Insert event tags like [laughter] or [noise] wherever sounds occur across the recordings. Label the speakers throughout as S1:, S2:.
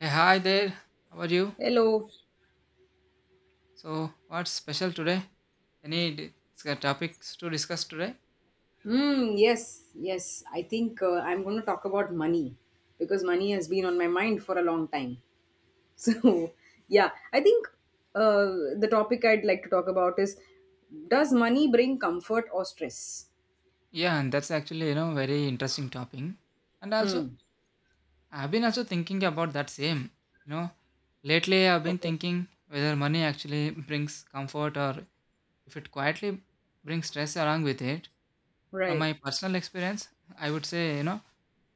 S1: Hey, hi there. How are you?
S2: Hello.
S1: So, what's special today? Any topics to discuss today?
S2: Hmm, yes. I think I'm going to talk about money because money has been on my mind for a long time. [laughs] So, yeah, I think uh, the topic I'd like to talk about is, does money bring comfort or stress?
S1: Yeah, and that's actually very interesting topic. And also,
S2: Hmm.
S1: I've been also thinking about that same. You know, lately I've been
S2: Okay.
S1: thinking whether money actually brings comfort or if it quietly brings stress along with it. From
S2: Right.
S1: my personal experience, I would say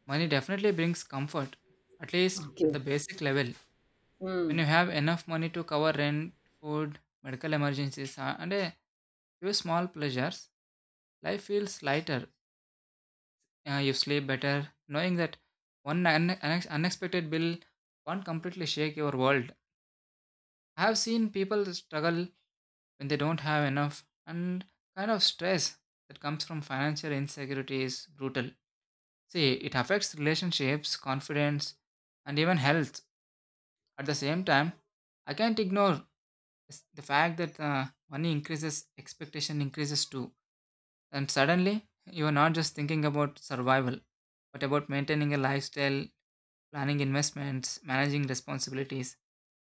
S1: money definitely brings comfort, at least at
S2: Okay.
S1: the basic level. When
S2: Hmm.
S1: you have enough money to cover rent, food, medical emergencies, and a few small pleasures, life feels lighter. You sleep better, knowing that one unexpected bill won't completely shake your world. I have seen people struggle when they don't have enough, and kind of stress that comes from financial insecurity is brutal. See, it affects relationships, confidence, and even health. At the same time, I can't ignore, yes, the fact that money increases, expectation increases too. And suddenly, you are not just thinking about survival, but about maintaining a lifestyle, planning investments, managing responsibilities,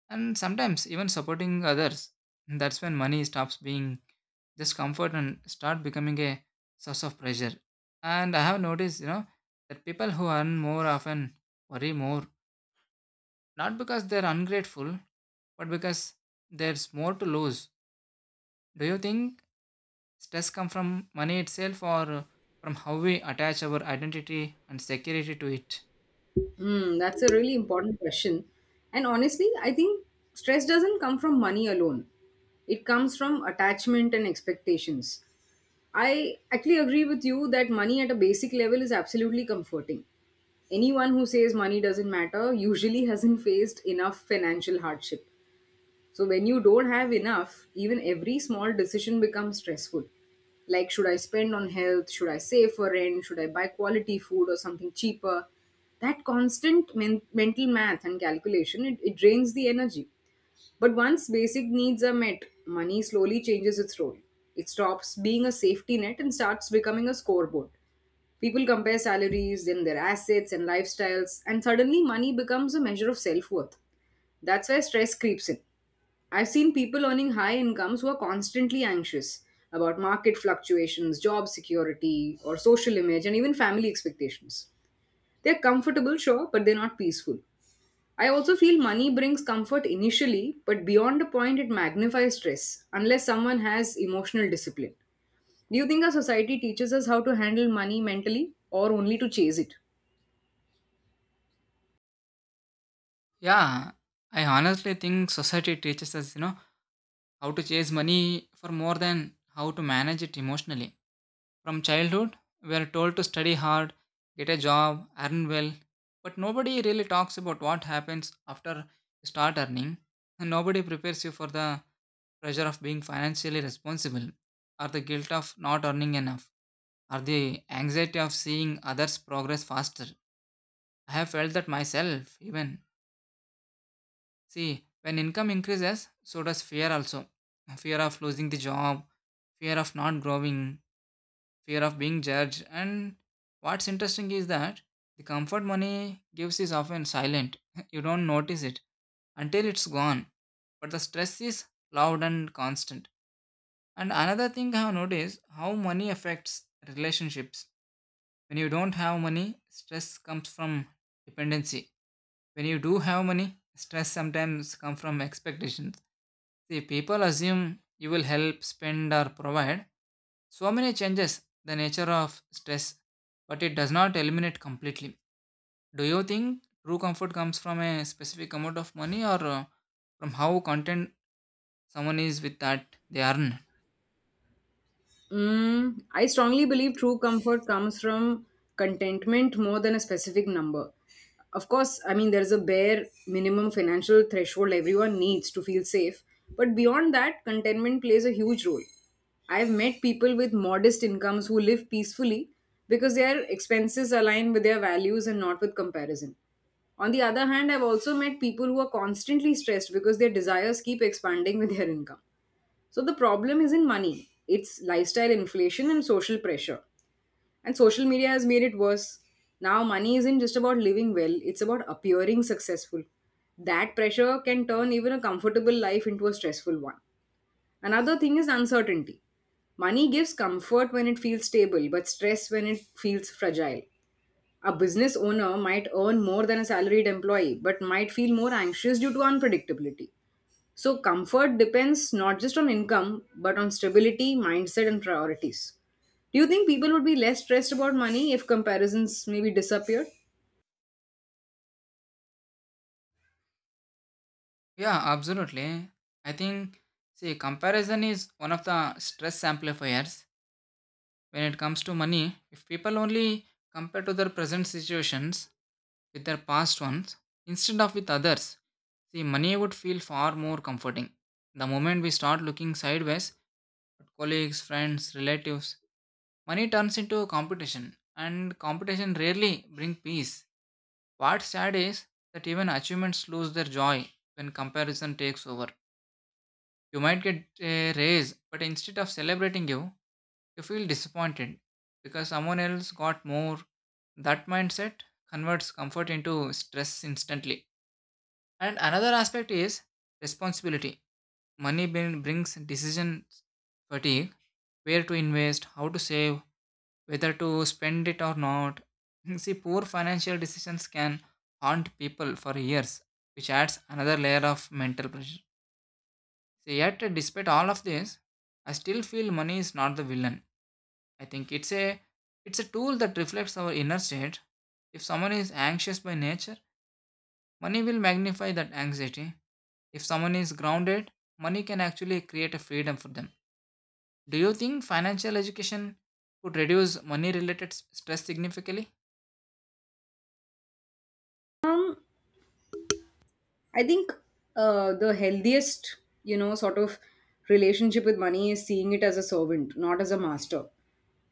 S1: and sometimes even supporting others. That's when money stops being just comfort and start becoming a source of pressure. And I have noticed, that people who earn more often worry more, not because they're ungrateful, but because there's more to lose. Do you think stress comes from money itself or from how we attach our identity and security to it?
S2: Hmm. That's a really important question. And honestly, I think stress doesn't come from money alone, it comes from attachment and expectations. I actually agree with you that money at a basic level is absolutely comforting. Anyone who says money doesn't matter usually [laughs] hasn't faced enough financial hardship. So, when you don't have enough, even every small decision becomes stressful. Like, should I spend on health? Should I save for rent? Should I buy quality food or something cheaper? That constant mental math and calculation, it drains the energy. But once basic needs are met, money slowly changes its role. It stops being a safety net and starts becoming a scoreboard. People compare salaries, then their assets and lifestyles, and suddenly money becomes a measure of self worth. That's where stress creeps in. I've seen people earning high incomes who are constantly anxious about market fluctuations, job security, or social image, and even family expectations. They're comfortable, sure, but they're not peaceful. I also feel money brings comfort initially, but beyond a point, it magnifies stress unless someone has emotional discipline. Do you think our society teaches us how to handle money mentally or only to chase it?
S1: Yeah, I honestly think society teaches us, how to chase money for more than how to manage it emotionally. From childhood, we are told to study hard, get a job, earn well, but nobody really talks about what happens after you start earning, and nobody prepares you for the pressure of being financially responsible or the guilt of not earning enough, or the anxiety of seeing others progress faster. I have felt that myself, even. See, when income increases, so does fear also. Fear of losing the job, fear of not growing, fear of being judged. And what's interesting is that the comfort money gives is often silent. [laughs] You don't notice it until it's gone. But the stress is loud and constant. And another thing I have noticed how money affects relationships. When you don't have money, stress comes from dependency. When you do have money, stress sometimes comes from expectations. See, people assume you will help, spend, or provide. So many changes the nature of stress, but it does not eliminate completely. Do you think true comfort comes from a specific amount of money or from how content someone is with that they earn?
S2: Mm, I strongly believe true comfort comes from contentment more than a specific number. Of course, I mean, there's a bare minimum financial threshold everyone needs to feel safe. But beyond that, contentment plays a huge role. I've met people with modest incomes who live peacefully because their expenses align with their values and not with comparison. On the other hand, I've also met people who are constantly stressed because their desires keep expanding with their income. So the problem isn't money, it's lifestyle inflation and social pressure. And social media has made it worse. Now, money isn't just about living well, it's about appearing successful. That pressure can turn even a comfortable life into a stressful one. Another thing is uncertainty. Money gives comfort when it feels stable, but stress when it feels fragile. A business owner might earn more than a salaried employee, but might feel more anxious due to unpredictability. So, comfort depends not just on income, but on stability, mindset, and priorities. Do you think people would be less stressed about money if comparisons maybe disappeared?
S1: Yeah, absolutely. I think, see, comparison is one of the stress amplifiers. When it comes to money, if people only compare to their present situations with their past ones instead of with others, see, money would feel far more comforting. The moment we start looking sideways at colleagues, friends, relatives, money turns into competition, and competition rarely brings peace. What's sad is that even achievements lose their joy when comparison takes over. You might get a raise, but instead of celebrating you, you feel disappointed because someone else got more. That mindset converts comfort into stress instantly. And another aspect is responsibility. Money brings decision fatigue, where to invest, how to save, whether to spend it or not. [laughs] See, poor financial decisions can haunt people for years, which adds another layer of mental pressure. So yet, despite all of this, I still feel money is not the villain. I think it's a tool that reflects our inner state. If someone is anxious by nature, money will magnify that anxiety. If someone is grounded, money can actually create a freedom for them. Do you think financial education could reduce money related stress significantly?
S2: Um, I think the healthiest, you know, sort of relationship with money is seeing it as a servant, not as a master.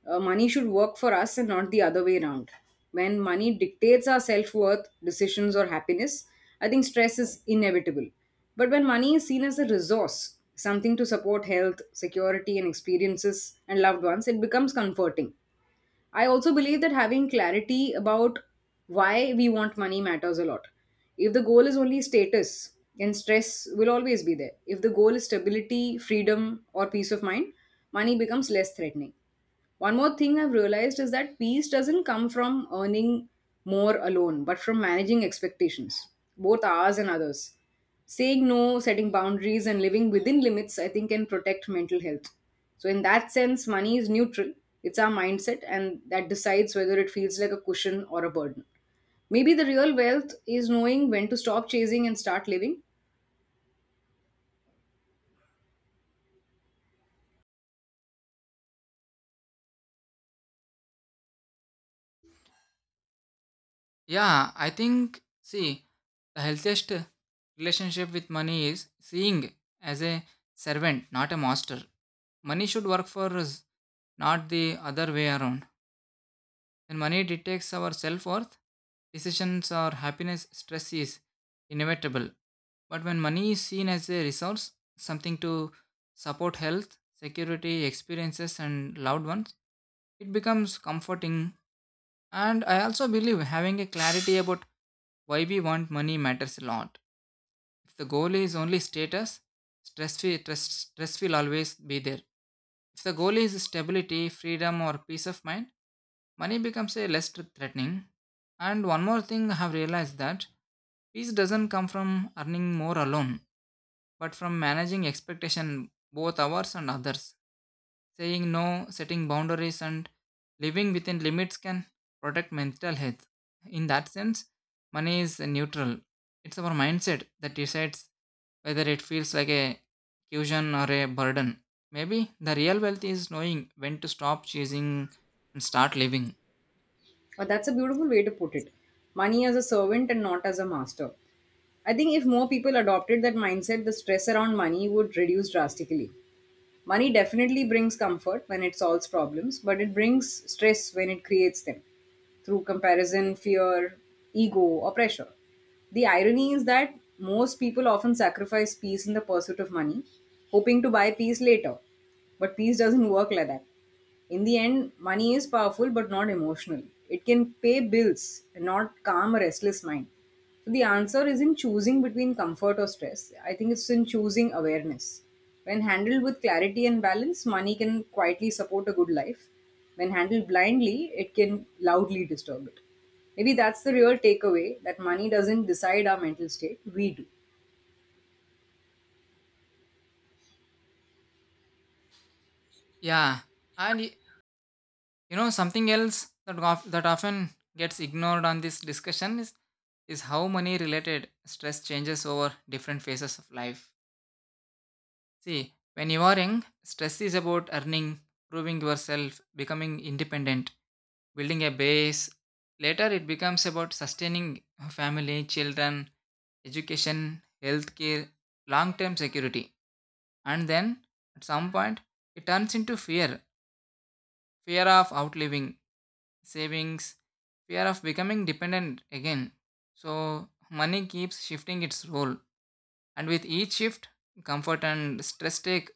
S2: Money should work for us and not the other way around. When money dictates our self worth, decisions, or happiness, I think stress is inevitable. But when money is seen as a resource, something to support health, security, and experiences and loved ones, it becomes comforting. I also believe that having clarity about why we want money matters a lot. If the goal is only status, then stress will always be there. If the goal is stability, freedom, or peace of mind, money becomes less threatening. One more thing I've realized is that peace doesn't come from earning more alone, but from managing expectations, both ours and others. Saying no, setting boundaries, and living within limits, I think, can protect mental health. So, in that sense, money is neutral. It's our mindset, and that decides whether it feels like a cushion or a burden. Maybe the real wealth is knowing when to stop chasing and start living.
S1: Yeah, I think, see, the healthiest relationship with money is seeing as a servant, not a master. Money should work for us, not the other way around. When money dictates our self worth, decisions or happiness, stress is inevitable. But when money is seen as a resource, something to support health, security, experiences, and loved ones, it becomes comforting. And I also believe having a clarity about why we want money matters a lot. If the goal is only status, stress will always be there. If the goal is stability, freedom, or peace of mind, money becomes a less threatening. And one more thing I have realized that peace doesn't come from earning more alone, but from managing expectation both ours and others. Saying no, setting boundaries, and living within limits can protect mental health. In that sense, money is neutral. It's our mindset that decides whether it feels like a cushion or a burden. Maybe the real wealth is knowing when to stop chasing and start living.
S2: But that's a beautiful way to put it. Money as a servant and not as a master. I think if more people adopted that mindset, the stress around money would reduce drastically. Money definitely brings comfort when it solves problems, but it brings stress when it creates them through comparison, fear, ego, or pressure. The irony is that most people often sacrifice peace in the pursuit of money, hoping to buy peace later. But peace doesn't work like that. In the end, money is powerful but not emotional. It can pay bills and not calm a restless mind. So, the answer isn't choosing between comfort or stress. I think it's in choosing awareness. When handled with clarity and balance, money can quietly support a good life. When handled blindly, it can loudly disturb it. Maybe that's the real takeaway, that money doesn't decide our mental state, we do.
S1: Yeah, and something else that often gets ignored on this discussion is how money related stress changes over different phases of life. See, when you are young, stress is about earning, proving yourself, becoming independent, building a base. Later, it becomes about sustaining family, children, education, healthcare, long term security. And then, at some point, it turns into fear of outliving, savings, fear of becoming dependent again. So, money keeps shifting its role. And with each shift, comfort and stress take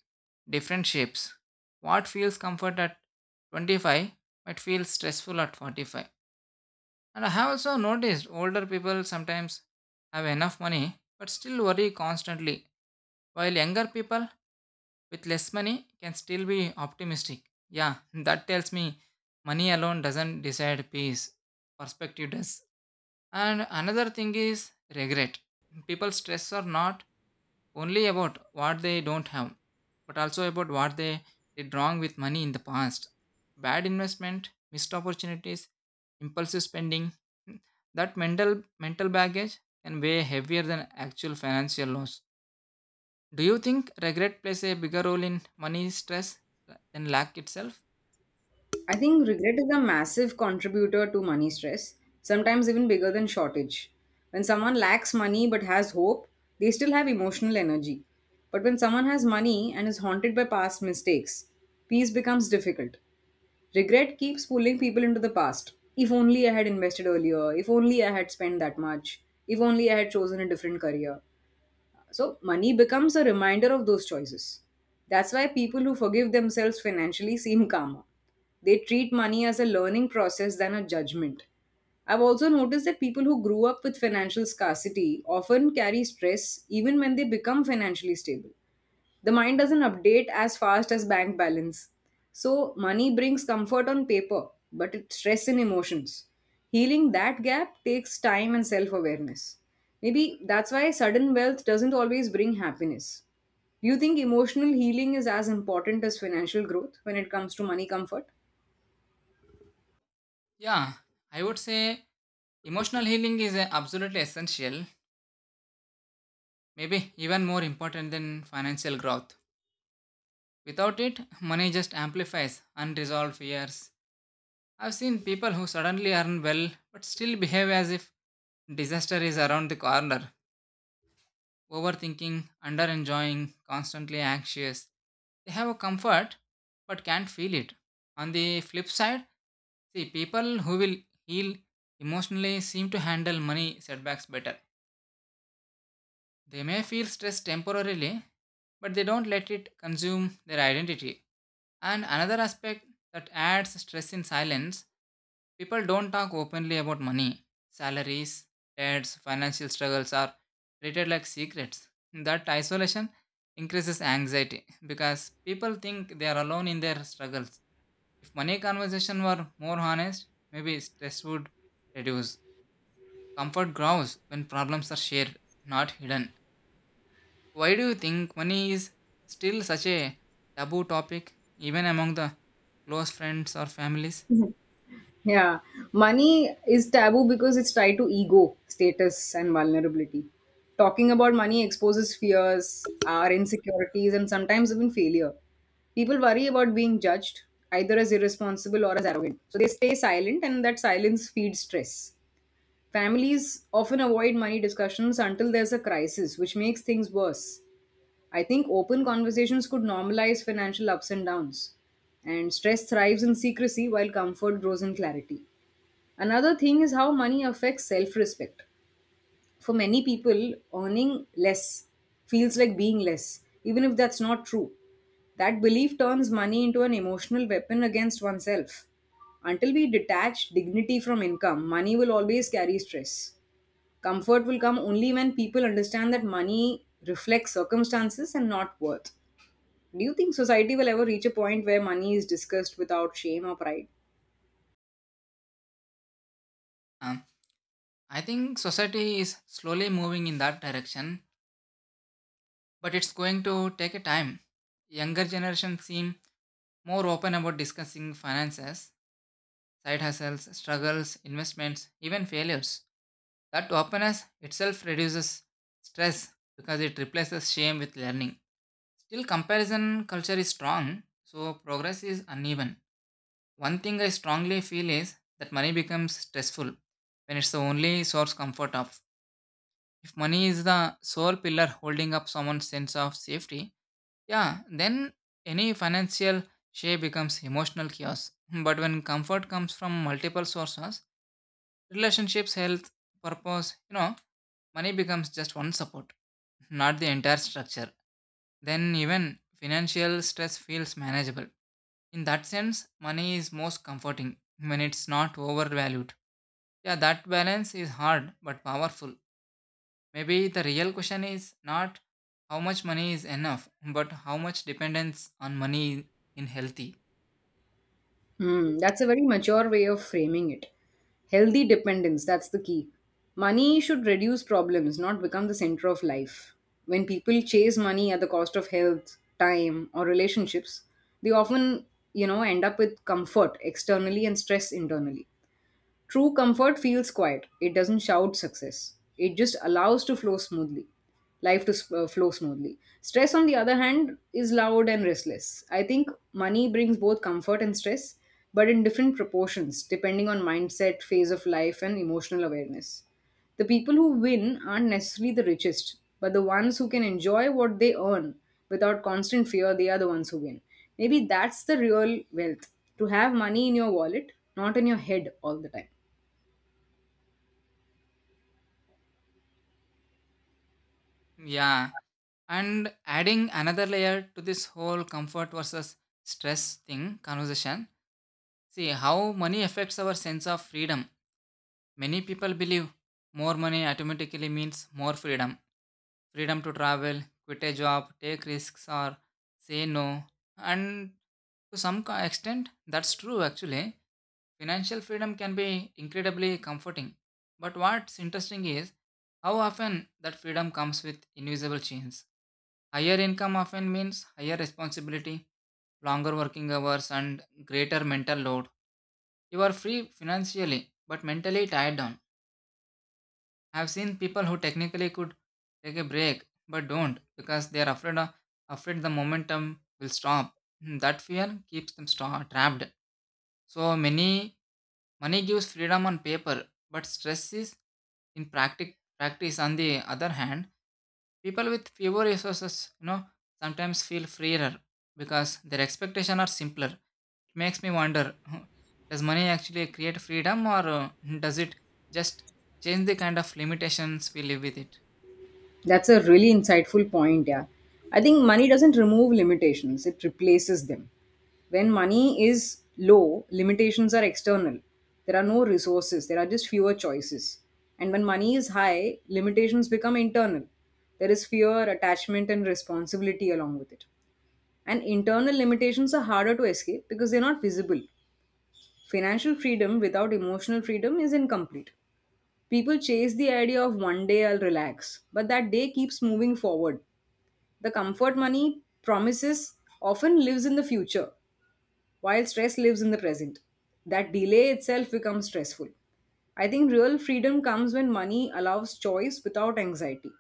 S1: different shapes. What feels comfort at 25 might feel stressful at 45. And I have also noticed older people sometimes have enough money but still worry constantly, while younger people with less money can still be optimistic. Yeah, that tells me money alone doesn't decide peace, perspective does. And another thing is regret. People stress or not, only about what they don't have, but also about what they did wrong with money in the past. Bad investment, missed opportunities, impulsive spending. hmm, That mental baggage can weigh heavier than actual financial loss. Do you think regret plays a bigger role in money stress than lack itself?
S2: I think regret is a massive contributor to money stress, sometimes even bigger than shortage. When someone lacks money but has hope, they still have emotional energy. But when someone has money and is haunted by past mistakes, peace becomes difficult. Regret keeps pulling people into the past. If only I had invested earlier, if only I had spent that much, if only I had chosen a different career. So money becomes a reminder of those choices. That's why people who forgive themselves financially seem calmer. They treat money as a learning process than a judgment. I've also noticed that people who grew up with financial scarcity often carry stress even when they become financially stable. The mind doesn't update as fast as bank balance. So, money brings comfort on paper, but it's stress in emotions. Healing that gap takes time and self awareness. Maybe that's why sudden wealth doesn't always bring happiness. Do you think emotional healing is as important as financial growth when it comes to money comfort?
S1: Yeah, I would say emotional healing is absolutely essential, maybe even more important than financial growth. Without it, money just amplifies unresolved fears. I've seen people who suddenly earn well but still behave as if disaster is around the corner, overthinking, under enjoying, constantly anxious. They have a comfort but can't feel it. On the flip side, see people who will heal emotionally seem to handle money setbacks better. They may feel stressed temporarily, but they don't let it consume their identity. And another aspect that adds stress in silence, people don't talk openly about money. Salaries, debts, financial struggles are treated like secrets. That isolation increases anxiety because people think they are alone in their struggles. If money conversation were more honest, maybe stress would reduce. Comfort grows when problems are shared, not hidden. Why do you think money is still such a taboo topic even among the close friends or families?
S2: Yeah, money is taboo because it's tied to ego, status, and vulnerability. Talking about money exposes fears, our insecurities, and sometimes even failure. People worry about being judged, either as irresponsible or as arrogant. So they stay silent, and that silence feeds stress. Families often avoid money discussions until there's a crisis, which makes things worse. I think open conversations could normalize financial ups and downs. And stress thrives in secrecy while comfort grows in clarity. Another thing is how money affects self respect. For many people, earning less feels like being less, even if that's not true. That belief turns money into an emotional weapon against oneself. Until we detach dignity from income, money will always carry stress. Comfort will come only when people understand that money reflects circumstances and not worth. Do you think society will ever reach a point where money is discussed without shame or pride?
S1: Um, I think society is slowly moving in that direction, but it's going to take a time. Younger generations seem more open about discussing finances, side hustles, struggles, investments, even failures. That openness itself reduces stress because it replaces shame with learning. Still, comparison culture is strong, so progress is uneven. One thing I strongly feel is that money becomes stressful when it's the only source comfort of. If money is the sole pillar holding up someone's sense of safety, yeah, then any financial share becomes emotional chaos. [laughs] But when comfort comes from multiple sources, relationships, health, purpose, money becomes just one support, not the entire structure. Then even financial stress feels manageable. In that sense, money is most comforting when it's not overvalued. Yeah, that balance is hard but powerful. Maybe the real question is not how much money is enough, but how much dependence on money in healthy.
S2: Hmm, that's a very mature way of framing it. Healthy dependence, that's the key. Money should reduce problems, not become the center of life. When people chase money at the cost of health, time, or relationships, they often, you know, end up with comfort externally and stress internally. True comfort feels quiet. It doesn't shout success. It just allows to flow smoothly. Flow smoothly. Stress, on the other hand, is loud and restless. I think money brings both comfort and stress, but in different proportions, depending on mindset, phase of life, and emotional awareness. The people who win aren't necessarily the richest, but the ones who can enjoy what they earn without constant fear, they are the ones who win. Maybe that's the real wealth, to have money in your wallet, not in your head all the time.
S1: Yeah, and adding another layer to this whole comfort versus stress thing conversation. See how money affects our sense of freedom. Many people believe more money automatically means more freedom to travel, quit a job, take risks, or say no. And to some extent, that's true actually. Financial freedom can be incredibly comforting. But what's interesting is how often that freedom comes with invisible chains. Higher income often means higher responsibility, longer working hours, and greater mental load. You are free financially, but mentally tied down. I've seen people who technically could take a break but don't because they are afraid the momentum will stop. That fear keeps them trapped. So many money gives freedom on paper, but stress is in practice. On the other hand, people with fewer resources, sometimes feel freer because their expectations are simpler. It makes me wonder [laughs] does money actually create freedom or [laughs] does it just change the kind of limitations we live with it?
S2: That's a really insightful point, yeah. I think money doesn't remove limitations, it replaces them. When money is low, limitations are external. There are no resources, there are just fewer choices. And when money is high, limitations become internal. There is fear, attachment, and responsibility along with it. And internal limitations are harder to escape because they're not visible. Financial freedom without emotional freedom is incomplete. People chase the idea of one day I'll relax, but that day keeps moving forward. The comfort money promises often lives in the future, while stress lives in the present. That delay itself becomes stressful. I think real freedom comes when money allows choice without anxiety,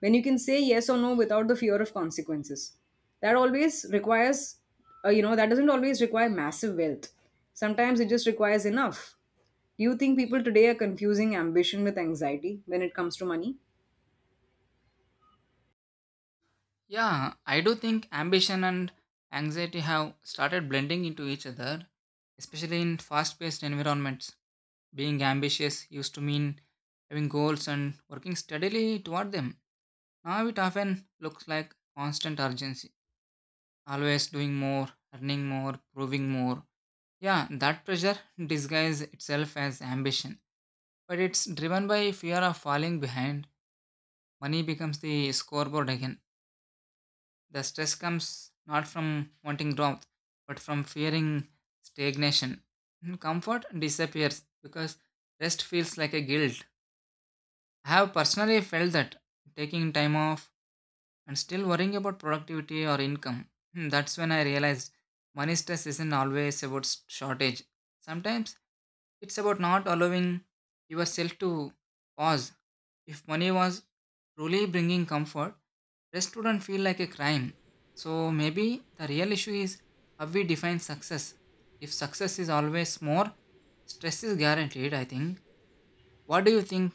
S2: when you can say yes or no without the fear of consequences. That always requires, that doesn't always require massive wealth. Sometimes it just requires enough. Do you think people today are confusing ambition with anxiety when it comes to money?
S1: Yeah, I do think ambition and anxiety have started blending into each other, especially in fast paced environments. Being ambitious used to mean having goals and working steadily toward them. Now it often looks like constant urgency, always doing more, earning more, proving more. Yeah, that pressure [laughs] disguises itself as ambition, but it's driven by fear of falling behind. Money becomes the scoreboard again. The stress comes not from wanting growth, but from fearing stagnation. Comfort disappears because rest feels like a guilt. I have personally felt that taking time off and still worrying about productivity or income. That's when I realized money stress isn't always about shortage. Sometimes it's about not allowing yourself to pause. If money was truly bringing comfort, rest wouldn't feel like a crime. So maybe the real issue is how we define success. If success is always more, stress is guaranteed, I think. What do you think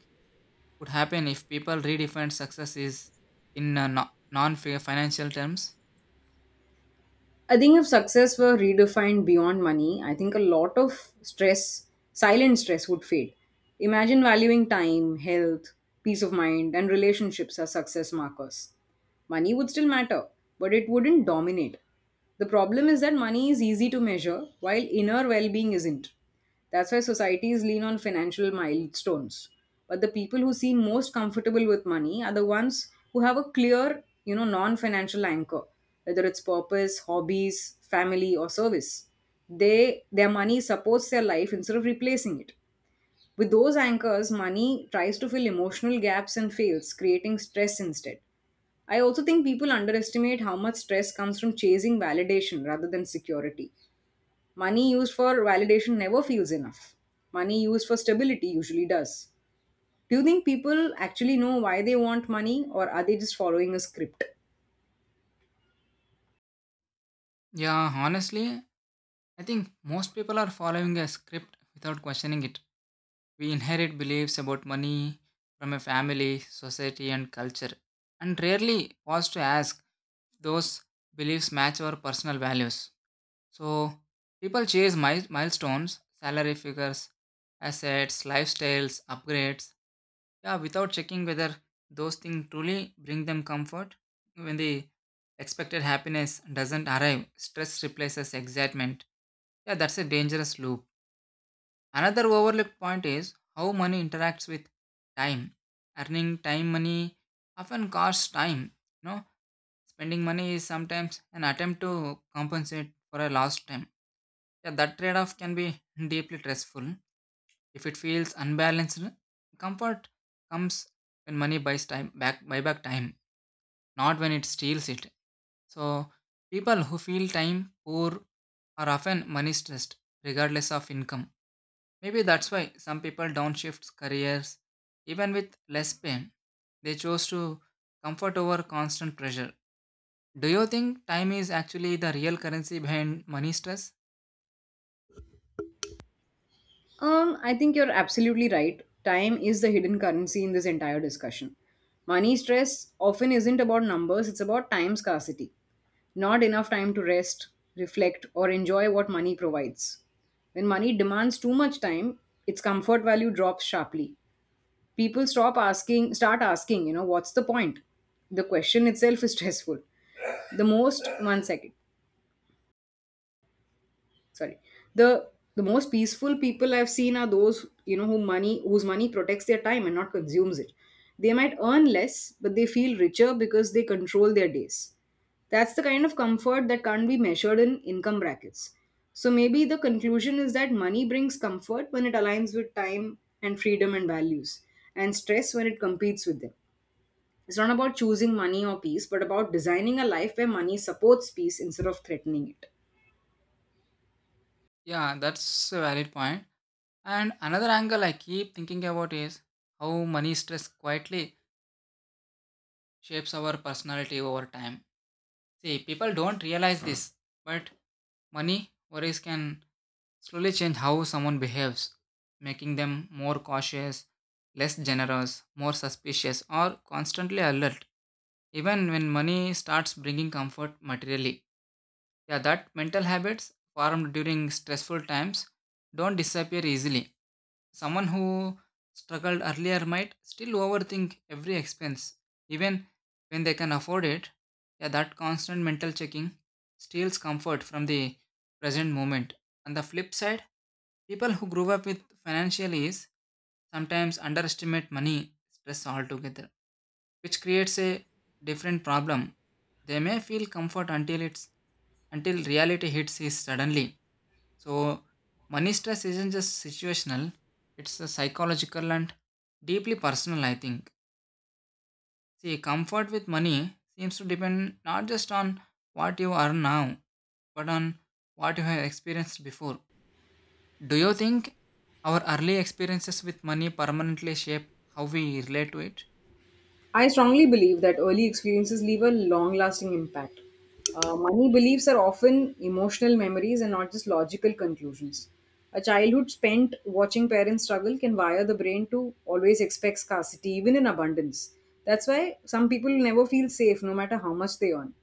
S1: would happen if people redefine success is in non financial terms?
S2: I think if success were redefined beyond money, I think a lot of stress, silent stress, would fade. Imagine valuing time, health, peace of mind, and relationships as success markers. Money would still matter, but it wouldn't dominate. The problem is that money is easy to measure, while inner well being isn't. That's why societies lean on financial milestones. But the people who seem most comfortable with money are the ones who have a clear, you know, non-financial anchor, whether it's purpose, hobbies, family, or service. They their money supports their life instead of replacing it. With those anchors, money tries to fill emotional gaps and fails, creating stress instead. I also think people underestimate how much stress comes from chasing validation rather than security. Money used for validation never feels enough. Money used for stability usually does. Do you think people actually know why they want money, or are they just following a script?
S1: Yeah, honestly, I think most people are following a script without questioning it. We inherit beliefs about money from a family, society, and culture, and rarely pause to ask if those beliefs match our personal values. So, people chase milestones, salary figures, assets, lifestyles, upgrades, yeah, without checking whether those things truly bring them comfort. When the expected happiness doesn't arrive, stress replaces excitement. Yeah, that's a dangerous loop. Another overlooked point is how money interacts with time. Earning time money often costs time. You know, spending money is sometimes an attempt to compensate for a lost time. Yeah, that trade-off can be deeply stressful if it feels unbalanced. Comfort comes when money buys time back buy back time, not when it steals it. So people who feel time poor are often money stressed, regardless of income. Maybe that's why some people downshift careers even with less pain. They chose to comfort over constant pressure. Do you think time is actually the real currency behind money stress?
S2: I think you're absolutely right. Time is the hidden currency in this entire discussion. Money stress often isn't about numbers, it's about time scarcity. Not enough time to rest, reflect, or enjoy what money provides. When money demands too much time, its comfort value drops sharply. People stop asking start asking, you know, what's the point? The question itself is stressful. The most, one second, sorry. The the most peaceful people I've seen are those, you know, whose money protects their time and not consumes it. They might earn less, but they feel richer because they control their days. That's the kind of comfort that can't be measured in income brackets. So maybe the conclusion is that money brings comfort when it aligns with time and freedom and values, and stress when it competes with them. It's not about choosing money or peace, but about designing a life where money supports peace instead of threatening it.
S1: Yeah, that's a valid point. And another angle I keep thinking about is how money stress quietly shapes our personality over time. See, people don't realize this, but money worries can slowly change how someone behaves, making them more cautious, less generous, more suspicious, or constantly alert, even when money starts bringing comfort materially. Yeah, that mental habits formed during stressful times don't disappear easily. Someone who struggled earlier might still overthink every expense, even when they can afford it. Yeah, that constant mental checking steals comfort from the present moment. On the flip side, people who grew up with financial ease sometimes underestimate money stress altogether, which creates a different problem. They may feel comfort until reality hits is suddenly. So, money stress isn't just situational, it's a psychological and deeply personal, I think. See, comfort with money seems to depend not just on what you are now, but on what you have experienced before. Do you think our early experiences with money permanently shape how we relate to it?
S2: I strongly believe that early experiences leave a long lasting impact. Money beliefs are often emotional memories and not just logical conclusions. A childhood spent watching parents struggle can wire the brain to always expect scarcity, even in abundance. That's why some people never feel safe no matter how much they earn.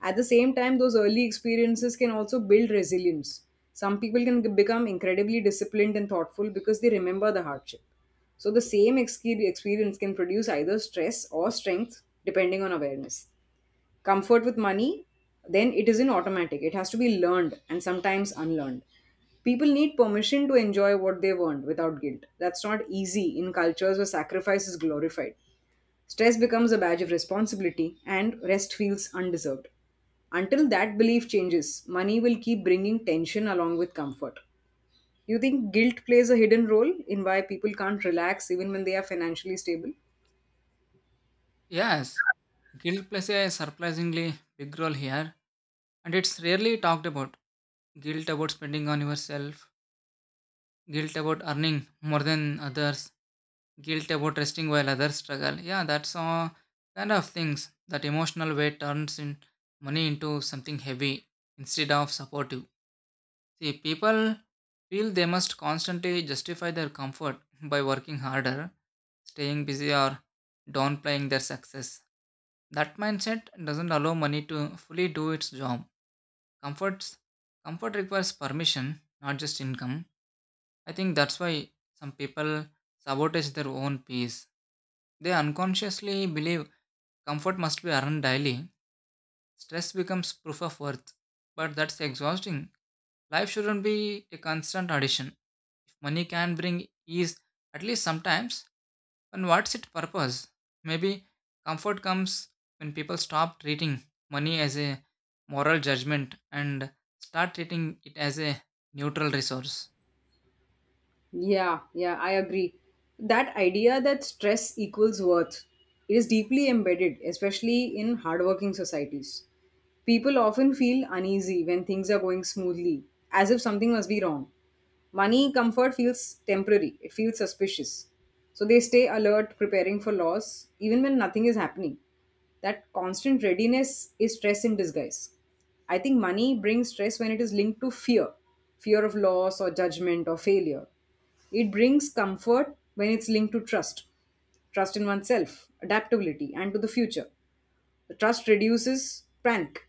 S2: At the same time, those early experiences can also build resilience. Some people can become incredibly disciplined and thoughtful because they remember the hardship. So the same experience can produce either stress or strength depending on awareness. Comfort with money, then, it isn't automatic. It has to be learned, and sometimes unlearned. People need permission to enjoy what they've earned without guilt. That's not easy in cultures where sacrifice is glorified. Stress becomes a badge of responsibility and rest feels undeserved. Until that belief changes, money will keep bringing tension along with comfort. You think guilt plays a hidden role in why people can't relax even when they are financially stable?
S1: Yes, guilt plays a surprisingly big role here, and it's rarely talked about. Guilt about spending on yourself, guilt about earning more than others, guilt about resting while others struggle. Yeah, that's all kind of things. That emotional weight turns in money into something heavy instead of supportive. See, people feel they must constantly justify their comfort [laughs] by working harder, staying busy, or downplaying their success. That mindset doesn't allow money to fully do its job. Comforts comfort requires permission, not just income. I think that's why some people sabotage their own peace. They unconsciously believe comfort must be earned daily. Stress becomes proof of worth. But that's exhausting. Life shouldn't be a constant addition. If money can bring ease, at least sometimes, and what's its purpose? Maybe comfort comes when people stop treating money as a moral judgment and start treating it as a neutral resource.
S2: Yeah, yeah, I agree. That idea that stress equals worth is deeply embedded, especially in hardworking societies. People often feel uneasy when things are going smoothly, as if something must be wrong. Money comfort feels temporary, it feels suspicious. So they stay alert, preparing for loss, even when nothing is happening. That constant readiness is stress in disguise. I think money brings stress when it is linked to fear, fear of loss, or judgment, or failure. It brings comfort when it's linked to trust, trust in oneself, adaptability, and to the future. Trust reduces panic.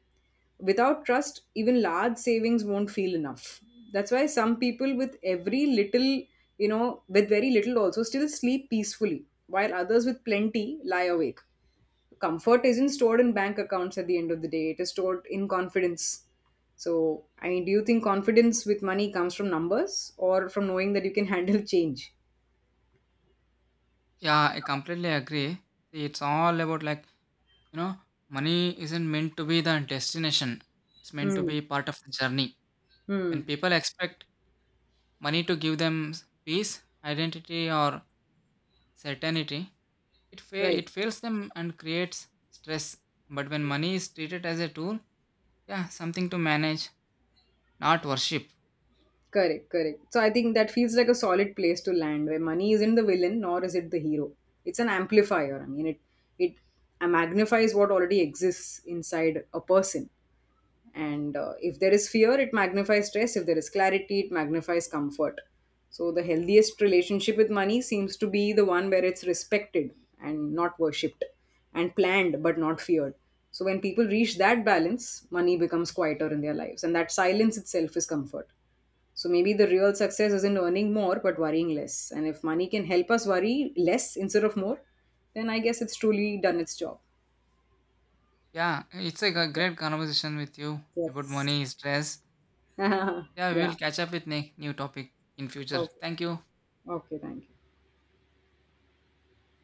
S2: Without trust, even large savings won't feel enough. That's why some people with every little, you know, with very little also still sleep peacefully, while others with plenty lie awake. Comfort isn't stored in bank accounts at the end of the day, it is stored in confidence. So, I mean, do you think confidence with money comes from numbers or from knowing that you can [laughs] handle change?
S1: Yeah, I completely agree. See, it's all about you know, money isn't meant to be the destination, it's meant to
S2: Hmm.
S1: be part of the journey.
S2: Hmm.
S1: When people expect money to give them peace, identity, or certainty, it, fa-
S2: Right.
S1: it fails them and creates stress. But when money is treated as a tool, yeah, something to manage, not worship.
S2: Correct, correct. So I think that feels like a solid place to land, where money isn't the villain nor is it the hero. It's an amplifier. I mean, it magnifies what already exists inside a person, and if there is fear, it magnifies stress. If there is clarity, it magnifies comfort. So the healthiest relationship with money seems to be the one where it's respected and not worshipped, and planned but not feared. So when people reach that balance, money becomes quieter in their lives, and that silence itself is comfort. So maybe the real success isn't earning more but worrying less, and if money can help us worry less instead of more, then I guess it's truly done its job.
S1: Yeah, it's like a great conversation with you about
S2: Yes.
S1: money, stress.
S2: [laughs]
S1: Yeah, we will
S2: Yeah.
S1: catch up with new topic in future.
S2: Okay.
S1: Thank you.
S2: Okay, thank you.